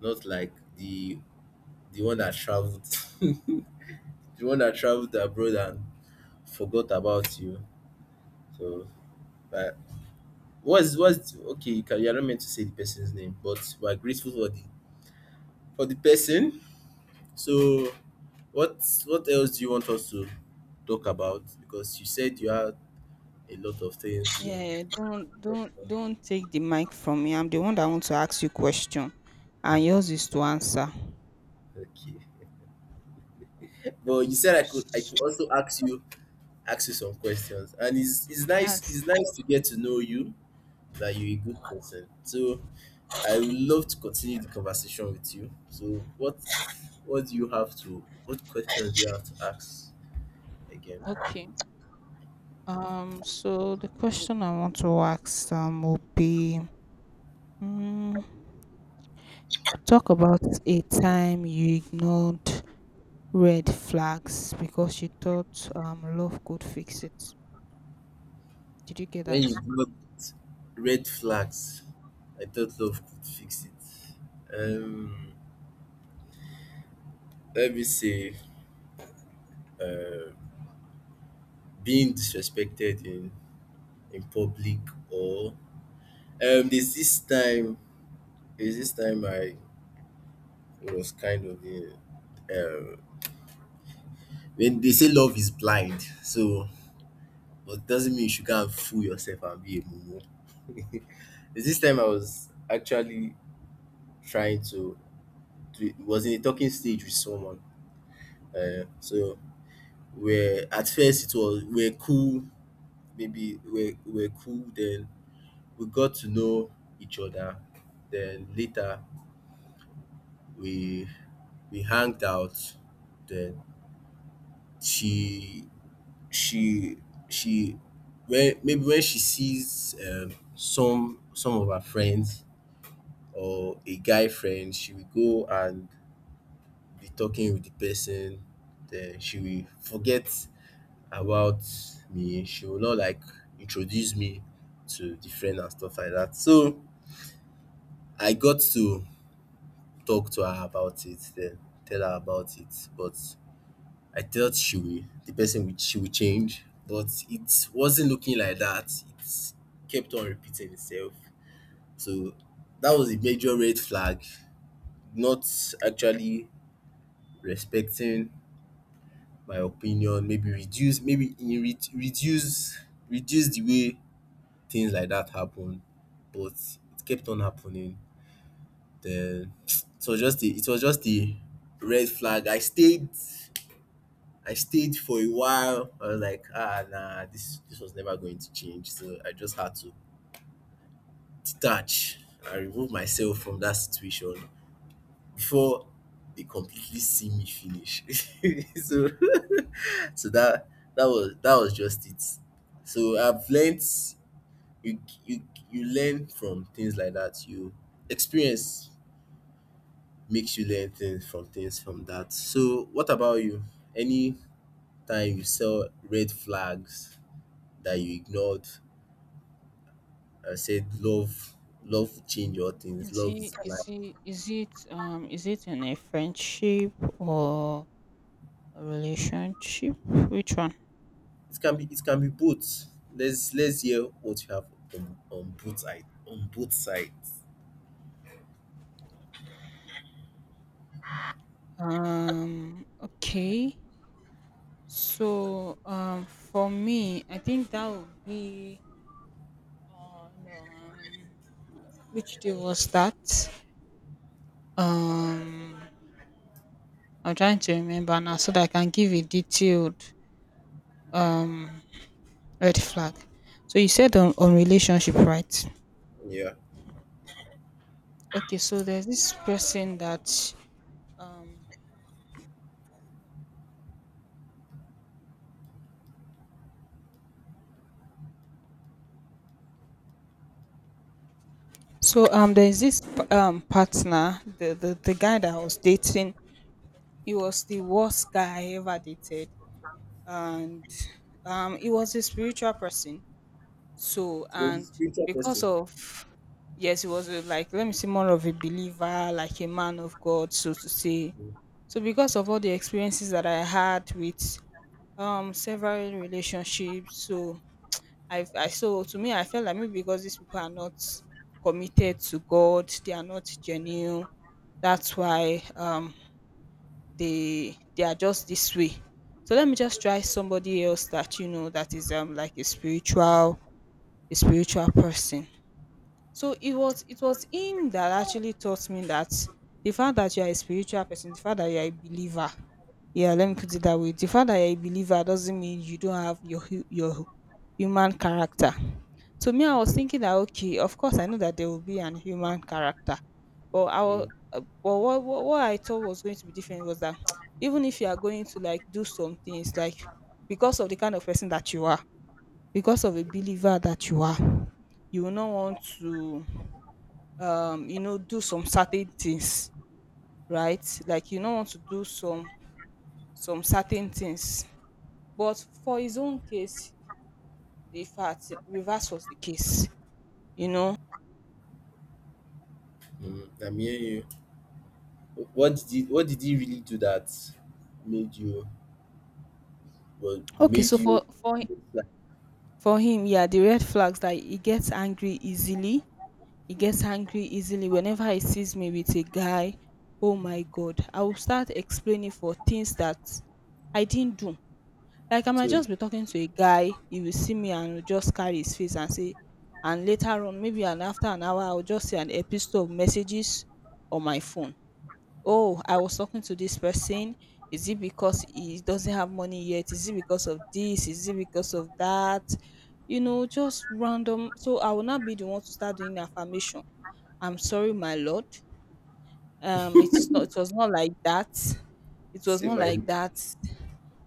Speaker 1: not like the one that traveled, the one that traveled abroad and forgot about you. So, but what's okay? You can, you're not meant to say the person's name, but we're grateful for the person. So, what else do you want us to talk about because you said you had a lot of things to
Speaker 2: Yeah,
Speaker 1: talk about.
Speaker 2: don't take the mic from me. I'm the one that want to ask you question and yours
Speaker 1: Mm,
Speaker 2: is to answer.
Speaker 1: okay. But you said I could, I could
Speaker 2: So
Speaker 1: also ask you, ask you some questions. And it's it's nice
Speaker 2: that's
Speaker 1: it's nice to get to know you that you're a good person. So I would love to continue the conversation with you. So what do you have to, what questions do you have to ask again?
Speaker 2: okay. So the question I want to ask will be, mm, talk about a time you ignored red flags because you thought love could fix it. Did you get
Speaker 1: When you
Speaker 2: that?
Speaker 1: got red flags, I thought love could fix it. Um, let me see. Um, being disrespected in public or, um, there's this time I was kind of in, um, when they say love is blind, so but doesn't mean you should go and fool yourself and be a mumu. There's this time I was actually trying to, it was in a talking stage with someone. So we're at first, it was, we're cool, maybe we're cool, then we got to know each other, then later we we hanged out, then she she she when maybe when she sees some of her friends or a guy friend, she will go and be talking with the person, then she will forget about me, she will not like introduce me to the friend and stuff like that. So I got to talk to her about it, then tell her about it, but I thought she will, the person would, she would change, but it wasn't looking like that. It kept on repeating itself. So that was a major red flag. Not actually respecting my opinion. Maybe reduce, maybe in reduce, reduce the way things like that happen. But it kept on happening. Then it was just a, it was just a red flag. I stayed for a while. I was like, ah, nah, this was never going to change. So I just had to detach and remove myself from that situation before they completely see me finish. So, so that that was just it. So I've learned, you you learn from things like that. You, experience makes you learn things from that. So what about you? Any time you saw red flags that you ignored and said love, love will change all things.
Speaker 2: Is
Speaker 1: Love
Speaker 2: he?
Speaker 1: is
Speaker 2: Is
Speaker 1: blind.
Speaker 2: he? Is it in a friendship or a relationship? Which one?
Speaker 1: It can be, both. Let's hear what you have on both sides, on both sides.
Speaker 2: Okay. So for me, I think that would be on, which day was that? Um I'm trying to remember now so that I can give a detailed um red flag. So you said on relationship, right?
Speaker 1: Yeah.
Speaker 2: Okay, so there's this person that, um so, there's this partner, the guy that I was dating. He was the worst guy I ever dated, and, he was a spiritual person. So,
Speaker 1: You're a
Speaker 2: and
Speaker 1: spiritual
Speaker 2: because
Speaker 1: person.
Speaker 2: of, yes, he was a, like, let me see, more of a believer, like a man of God, so to say. So because of all the experiences that I had with several relationships, so I so to me I felt like maybe because these people are not committed to God, they are not genuine. That's why they are just this way. So let me just try somebody else that, you know, that is like a spiritual person. So it was, him that actually taught me that the fact that you are a spiritual person, the fact that you are a believer, yeah, let me put it that way. The fact that you're a believer doesn't mean you don't have your human character. To me, I was
Speaker 1: mm,
Speaker 2: thinking that, okay, of course, I know that there will be an human character, but I was,
Speaker 1: mm,
Speaker 2: but what I thought was going to be different was that, even if you are going to like do some things, like, because of the kind of person that you are, because of a believer that you are, you will not want to, you know, do some certain things, right? Like, you don't want to do some certain things. But for his own case, the fact reverse was the case, you know.
Speaker 1: I'm hearing you. What did he, what did he really do that made you, well,
Speaker 2: Okay,
Speaker 1: made
Speaker 2: so
Speaker 1: you,
Speaker 2: for
Speaker 1: like,
Speaker 2: for him, yeah, the red flags that he gets angry easily. He gets angry easily whenever he sees me with a guy. Oh my god, I will start explaining for things that I didn't do. Like, I might
Speaker 1: so
Speaker 2: just be talking to a guy, he will see me and will just carry his face and say, and later on, maybe and after an hour, I'll just see an epistle of messages on my phone. Oh, I was talking to this person. Is it because he doesn't have money yet? Is it because of this? Is it because of that? You know, just random. So I will not be the one to start doing affirmation. I'm sorry, my lord. It's not. It was not like that. It was
Speaker 1: say
Speaker 2: not
Speaker 1: my
Speaker 2: like
Speaker 1: name?
Speaker 2: that.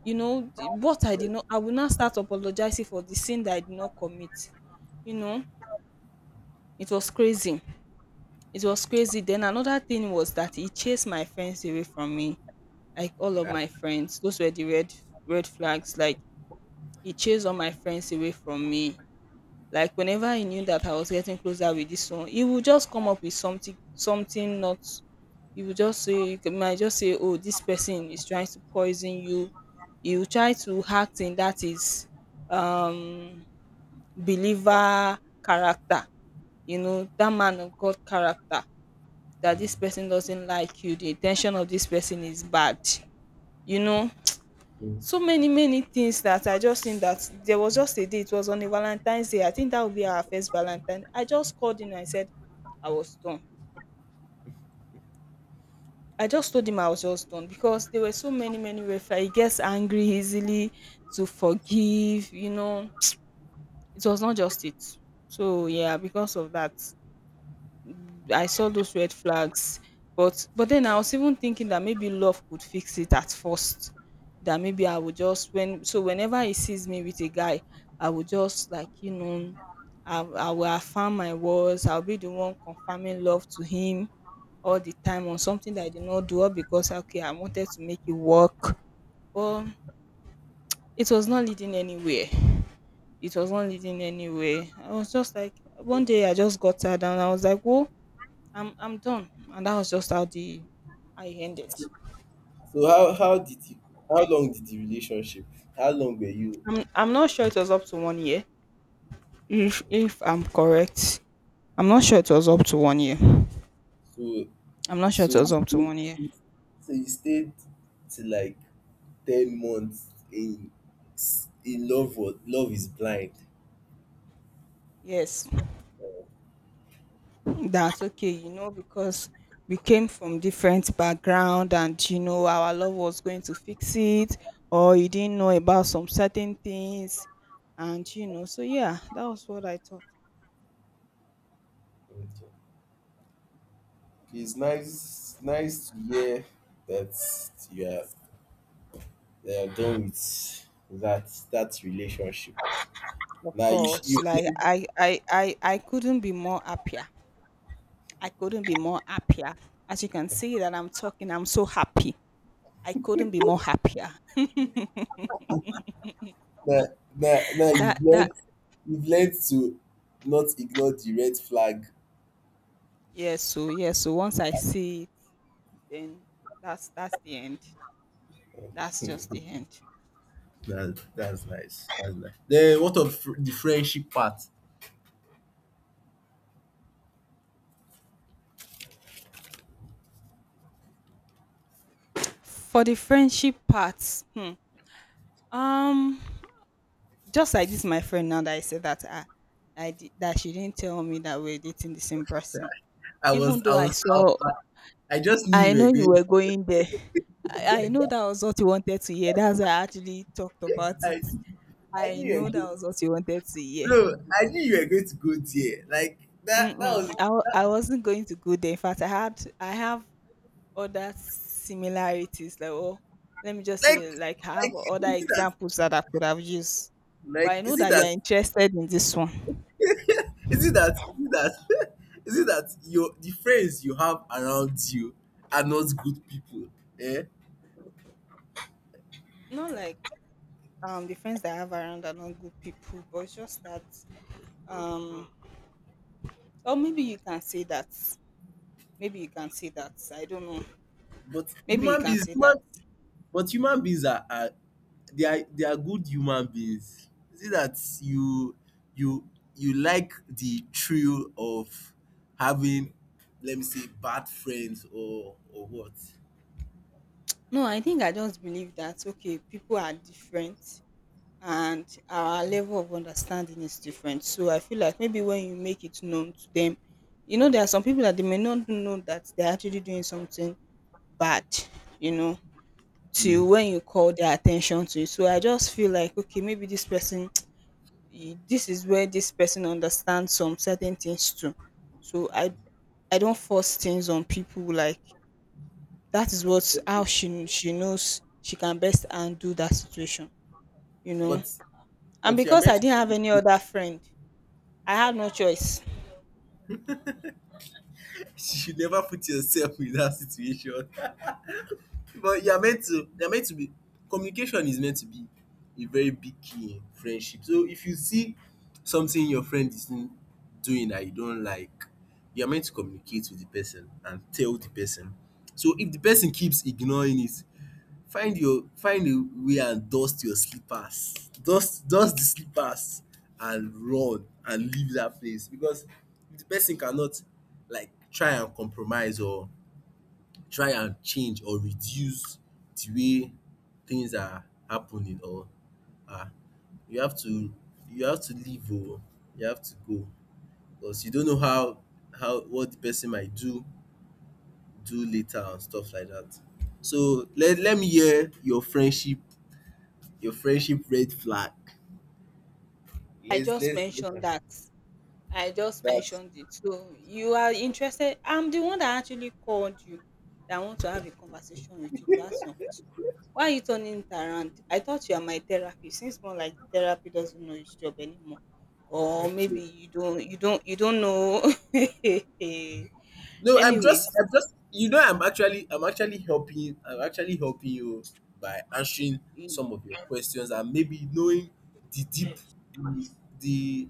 Speaker 2: You know, what I did not. I will not start apologizing for the sin that I did not commit. You know, it was crazy. It was crazy. Then another thing was that he chased my friends away from me, like all of my
Speaker 1: Ah.
Speaker 2: friends. Those were the red flags. Like, he chased all my friends away from me. Like, whenever he knew that I was getting closer with this one, he would just come up with something. Not, he would just say, he might just say, oh, this person is trying to poison you. He will try to act in that his um believer character, you know, that man of god character, that this
Speaker 1: mm,
Speaker 2: person doesn't like you, the intention of this person is bad, you know.
Speaker 1: mm.
Speaker 2: So many many things that I just think that there was just a day. It was on a Valentine's Day. I think that would be our first Valentine. I just called him and I said I was done. I just told him I was just done because there were so many many red flags. He gets angry easily to forgive. You know, it was not just it. So yeah, because of that, I saw those red flags, but then I was even thinking that maybe love could fix it at first. That maybe I would just, when, so whenever he sees me with a guy, I would just, like, you know, I will affirm my words. I'll be the one confirming love to him all the time on something that I did not do, all because, okay, I wanted to make it work. But it was not leading anywhere. It was not leading anywhere. I was just like one day I just got tired and I was like, "Whoa, I'm done." And that was just how the I ended.
Speaker 1: So how did you how long did the relationship, how long were you,
Speaker 2: I'm not sure it was up to one year. If I'm correct. I'm not sure it was up to one year.
Speaker 1: so,
Speaker 2: I'm not sure
Speaker 1: so
Speaker 2: it
Speaker 1: you
Speaker 2: was up to
Speaker 1: stayed,
Speaker 2: one year.
Speaker 1: so you stayed to like 10 months in love. What, love is blind.
Speaker 2: Yes. That's okay, you know, because we came from different background, and you know our love was going to fix it, or you didn't know about some certain things, and you know, so yeah, that was what I thought.
Speaker 1: It's nice, nice to hear that you are, that you're done with that relationship.
Speaker 2: Of
Speaker 1: Now you you,
Speaker 2: course, like I couldn't be more happier. I couldn't be more happier. As you can see that I'm talking, I'm so happy. I couldn't be more happier.
Speaker 1: now, now you've
Speaker 2: That
Speaker 1: learned,
Speaker 2: that
Speaker 1: you've learned to not ignore the red flag.
Speaker 2: Yes, so yes, so once I see it, then that's the end. That's just the end.
Speaker 1: That's nice. That's nice. Then what of the friendship part?
Speaker 2: For the friendship part, hmm, um, just like this, my friend now that I said that that she didn't tell me that we're dating the same person,
Speaker 1: I
Speaker 2: even
Speaker 1: was I
Speaker 2: though I
Speaker 1: was
Speaker 2: saw.
Speaker 1: I, I just knew
Speaker 2: I
Speaker 1: you were
Speaker 2: know you
Speaker 1: going.
Speaker 2: were going there. I know that was what you wanted to hear. That's why I actually talked about it.
Speaker 1: I, I
Speaker 2: I
Speaker 1: knew you
Speaker 2: know
Speaker 1: were
Speaker 2: that
Speaker 1: going.
Speaker 2: was what you wanted to hear.
Speaker 1: No, I knew you were going to go there. Like that. That was
Speaker 2: Mm-mm. I wasn't going to go there. In fact, I have other similarities. Like, oh, let me just
Speaker 1: like,
Speaker 2: say, like, I have other
Speaker 1: is it that?
Speaker 2: examples that I could have used. But
Speaker 1: Like
Speaker 2: I know
Speaker 1: is it
Speaker 2: that you're
Speaker 1: that?
Speaker 2: interested in this one.
Speaker 1: Is it that? Is it that? is it that your the friends you have around you are not good people? Eh?
Speaker 2: Not like the friends that I have around are not good people, but it's just that um or maybe you can say that. Maybe you can say that. I don't know.
Speaker 1: But
Speaker 2: Maybe you
Speaker 1: human
Speaker 2: can
Speaker 1: beings,
Speaker 2: say that.
Speaker 1: but human beings are they, are good human beings. Is it that you, you you like the thrill of having, let me say, bad friends, or, what?
Speaker 2: No, I think I just believe that okay, people are different, and our level of understanding is different. So I feel like maybe when you make it known to them, you know, there are some people that they may not know that they're actually doing something bad, you know, till
Speaker 1: Mm.
Speaker 2: when you call their attention to it. So I just feel like, okay, maybe this person, eh, this is where this person understands some certain things too. So I don't force things on people. Like that is what how she knows she can best undo that situation, you know.
Speaker 1: But,
Speaker 2: And
Speaker 1: you are
Speaker 2: because
Speaker 1: meant
Speaker 2: I didn't have any
Speaker 1: to—
Speaker 2: other friend, I had no choice.
Speaker 1: you should never put yourself in that situation. But you are meant to, they are meant to be communication is meant to be a very big key in friendship. So if you see something your friend is doing that you don't like, you are meant to communicate with the person and tell the person. So if the person keeps ignoring it, find your, find a way and dust your slippers. Dust, dust the slippers and run and leave that place, because if the person cannot, like, try and compromise, or try and change or reduce the way things are happening, or, ah, you have to, leave, oh, you have to go, because you don't know how, what the person might do, later and stuff like that. So let me hear your friendship, your friendship red flag.
Speaker 2: I
Speaker 1: let's
Speaker 2: just
Speaker 1: let's look
Speaker 2: mentioned
Speaker 1: at
Speaker 2: that. I just
Speaker 1: that.
Speaker 2: mentioned it. So you are interested. I'm the one that actually called you that I want to have a conversation with you to ask some questions. Why are you turning it around? I thought you are my therapist. Seems more like the therapy doesn't know his job anymore. Or maybe
Speaker 1: Okay.
Speaker 2: you don't know.
Speaker 1: No,
Speaker 2: Anyways.
Speaker 1: you know, I'm actually helping, I'm actually helping you by answering some of your questions and maybe knowing the deep, the, the,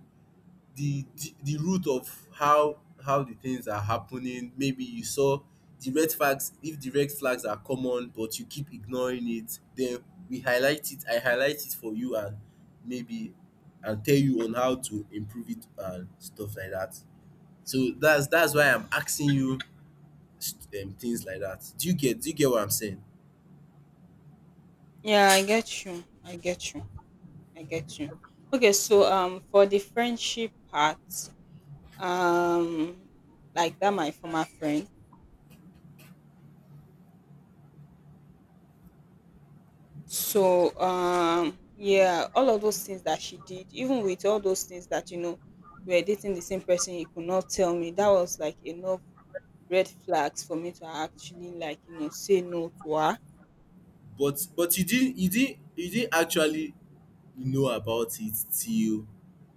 Speaker 1: the root of how the things are happening. Maybe you saw the red flags. If the red flags are common, but you keep ignoring it, then we highlight it, I highlight it for you, and maybe, and tell you on how to improve it and stuff like that. So that's why I'm asking you things like that. Do you get, what I'm saying?
Speaker 2: Yeah, I get you. I get you. I get you. Okay,
Speaker 1: So,
Speaker 2: so for the friendship part, um like that my former friend, so yeah, all of those things that she did, even with all those things that you know we were dating the same person, you could not tell me, that was like enough red flags for me to actually like, you know, say no to her.
Speaker 1: but you didn't actually know about it till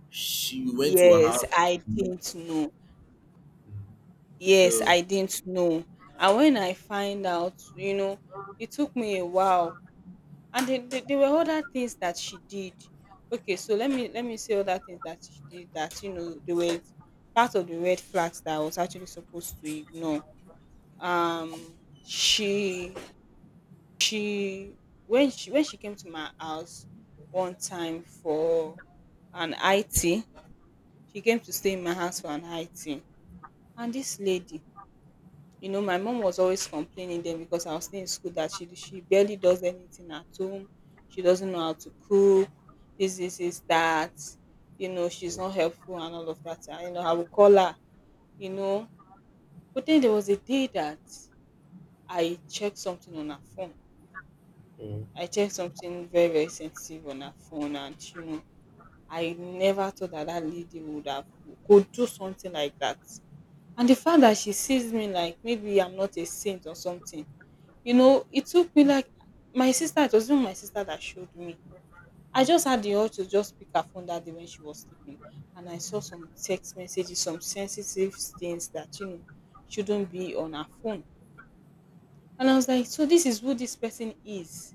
Speaker 1: she went to her
Speaker 2: Yes,
Speaker 1: house.
Speaker 2: I didn't know. Yes,
Speaker 1: So.
Speaker 2: I didn't know. And when I find out, you know, it took me a while, and there were other things that she did. Okay, so let me say other things that she did that, you know, they were part of the red flags that I was actually supposed to ignore. Um she she When she came to my house one time for an it, she came to stay in my house for an it. And this lady, you know, my mom was always complaining then because I was still in school that she barely does anything at home. She doesn't know how to cook. Is that. You know, she's not helpful and all of that. I, you know, I would call her, you know. But then there was a day that I checked something on her phone.
Speaker 1: Mm.
Speaker 2: I checked something very, very sensitive on her phone. And, you know, I never thought that that lady would have, could do something like that. And the fact that she sees me like maybe I'm not a saint or something. You know, it took me like my sister it was even my sister that showed me. I just had the urge to just pick her phone that day when she was sleeping, and I saw some text messages, some sensitive things that, you know, shouldn't be on her phone. And I was like, so this is who this person is,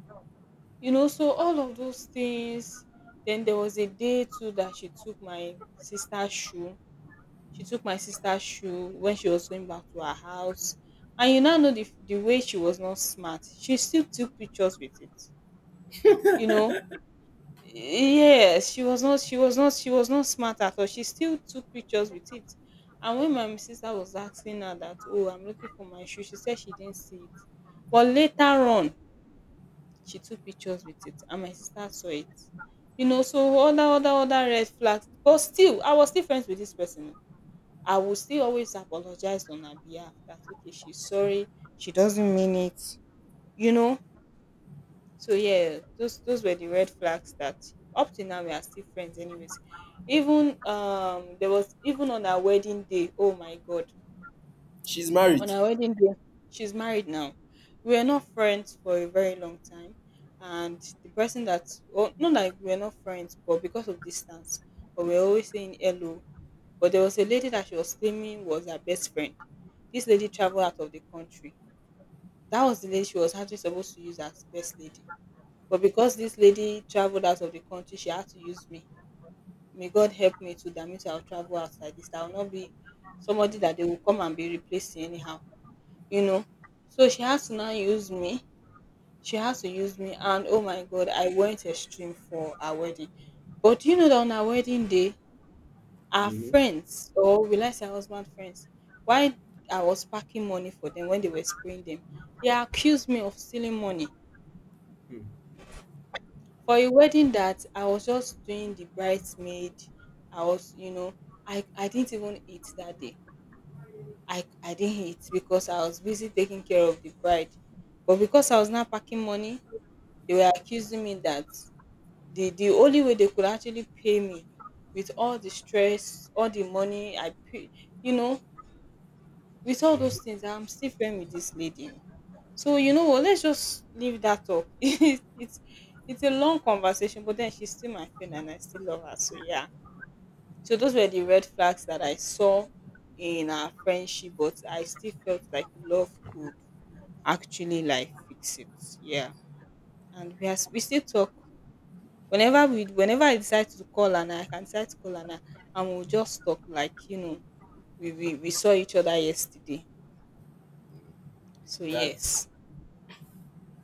Speaker 2: you know. So all of those things. Then there was a day too that she took my sister's shoe. She took my sister's shoe when she was going back to her house. And you now know the way she was not smart. She still took pictures with it. You know, yes, she was not smart at all. She still took pictures with it. And when my sister was asking her that, oh, I'm looking for my shoe, she said she didn't see it, but later on she took pictures with it and my sister saw it, you know. So other red flags, but still I was still friends with this person. I will still always apologize on her behalf that okay, she's sorry, she doesn't mean it, you know. So yeah, those were the red flags that up to now we are still friends anyways. Even there was even on our wedding day, oh my god.
Speaker 1: She's
Speaker 2: On
Speaker 1: married.
Speaker 2: our wedding day, she's married now. We were not friends for a very long time. And the person that, well, not like we were not friends, but because of distance, but we were always saying hello. But there was a lady that she was claiming was her best friend. This lady traveled out of the country. That was the lady she was actually supposed to use as best lady, but because this lady traveled out of the country, she had to use me. May God help me to, that means I'll travel outside this. I'll not be somebody that they will come and be replacing anyhow, you know. So she has to now use me. She has to use me. And oh my God, I went extreme for our wedding. But you know that on our wedding day, our
Speaker 1: Mm-hmm.
Speaker 2: friends, or will I say husband friends, while I was packing money for them when they were spraying them, they accused me of stealing money. For a wedding that I was just doing the bridesmaid, I was, you know, I didn't even eat that day. I didn't eat because I was busy taking care of the bride. But because I was not packing money, they were accusing me that the only way they could actually pay me, with all the stress, all the money I pay, you know, with all those
Speaker 1: Mm-hmm.
Speaker 2: things, I'm still friends with this lady. So you know what? Let's just leave that up. It's it's a long conversation, but then she's still my friend and I still love her. So yeah. So those were the
Speaker 1: Okay,
Speaker 2: red flags that I saw in our friendship, but I still felt like love could actually like fix it. Yeah. And we still talk whenever we whenever I decide to call, and I can decide to call, and we'll just talk like, you know, we saw each other yesterday. So
Speaker 1: that's
Speaker 2: yes.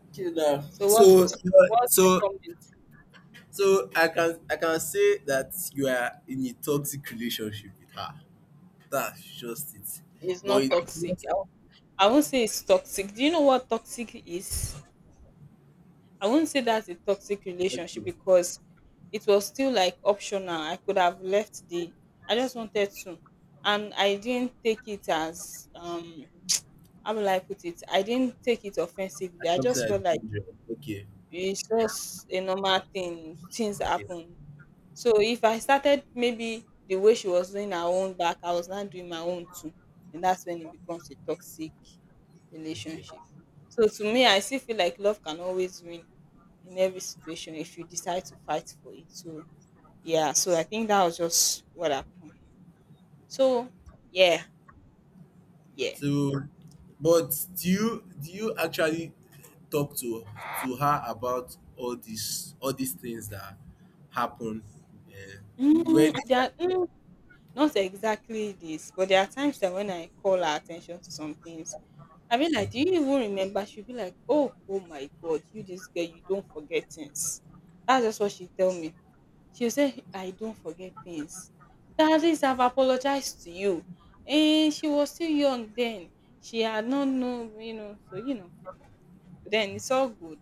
Speaker 1: okay now.
Speaker 2: So
Speaker 1: So,
Speaker 2: what's the
Speaker 1: so
Speaker 2: comment?
Speaker 1: so I can, say that you are in a toxic relationship with her. That's just it.
Speaker 2: It's
Speaker 1: But
Speaker 2: not
Speaker 1: it
Speaker 2: toxic.
Speaker 1: was
Speaker 2: I won't say it's toxic. Do you know what toxic is? I won't say that's a toxic relationship
Speaker 1: okay.
Speaker 2: because it was still like optional. I could have left the. I just wanted to, and I didn't take it as. How will I put it? I didn't take it
Speaker 1: I
Speaker 2: offensively. I
Speaker 1: can't say
Speaker 2: just
Speaker 1: I
Speaker 2: felt like
Speaker 1: told you. Okay.
Speaker 2: it's
Speaker 1: Yeah.
Speaker 2: just a normal thing. Things
Speaker 1: Okay,
Speaker 2: happen. So if I started maybe the way she was doing her own back, I was not doing my own too. And that's when it becomes a toxic
Speaker 1: okay.
Speaker 2: relationship. So to me, I still feel like love can always win in every situation if you decide to fight for it. So yeah, so I think that was just what happened. So yeah, yeah.
Speaker 1: So, but do you, actually talk to, her about all these, all these things that happen? Uh, when
Speaker 2: Mm, not exactly this, but there are times that when I call her attention to some things, I mean, like, do you even remember? She'll be like, oh, oh my God, you this girl, you don't forget things. That's just what she tell me. She'll say, I don't forget things. That at least I've apologized to you. And she was still young then. She had not known, you know, so, you know, then it's all good.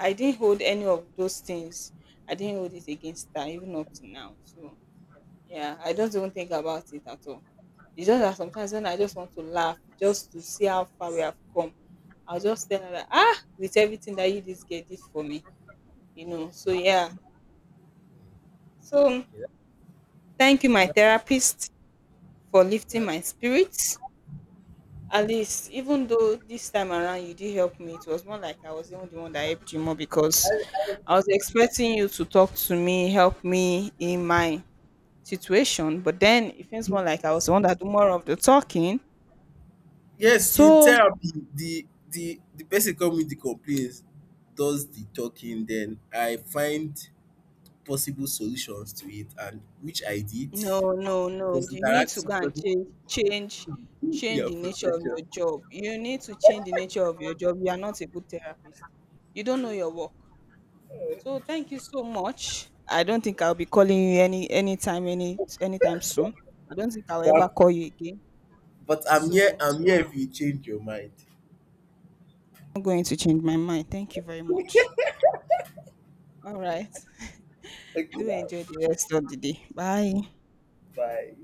Speaker 2: I didn't hold any of those things. I didn't hold it against her, even up to now. So, yeah, I just don't think about it at all. It's just that sometimes when I just want to laugh just to see how far we have come, I'll just tell her that, ah, with everything that you just get did for me, you know. So yeah. So thank you, my therapist, for lifting my spirits. At least, even though this time around you did help me, it was more like I was even the one that helped you more because I was expecting you to talk to me, help me in my situation, but then it feels more like I was the one that do more of the talking.
Speaker 1: yes, in
Speaker 2: So
Speaker 1: therapy, the the person come with the complaints, does the talking. Then I find possible solutions to it, and which I did
Speaker 2: no, no, no.
Speaker 1: because
Speaker 2: You need to go
Speaker 1: interactive
Speaker 2: and
Speaker 1: doesn't— give
Speaker 2: change
Speaker 1: your
Speaker 2: the nature of
Speaker 1: profession.
Speaker 2: your job. You need to change the nature of your job. You are not a good therapist. You don't know your work. So thank you so much. I don't think I'll be calling you anytime anytime soon. I don't think I'll ever
Speaker 1: But
Speaker 2: call you again.
Speaker 1: I'm here,
Speaker 2: So
Speaker 1: I'm here if you change your mind.
Speaker 2: I'm going to change my mind. Thank you very much. All right.
Speaker 1: Thank you,
Speaker 2: Do
Speaker 1: now.
Speaker 2: enjoy the rest of the day. Bye.
Speaker 1: Bye.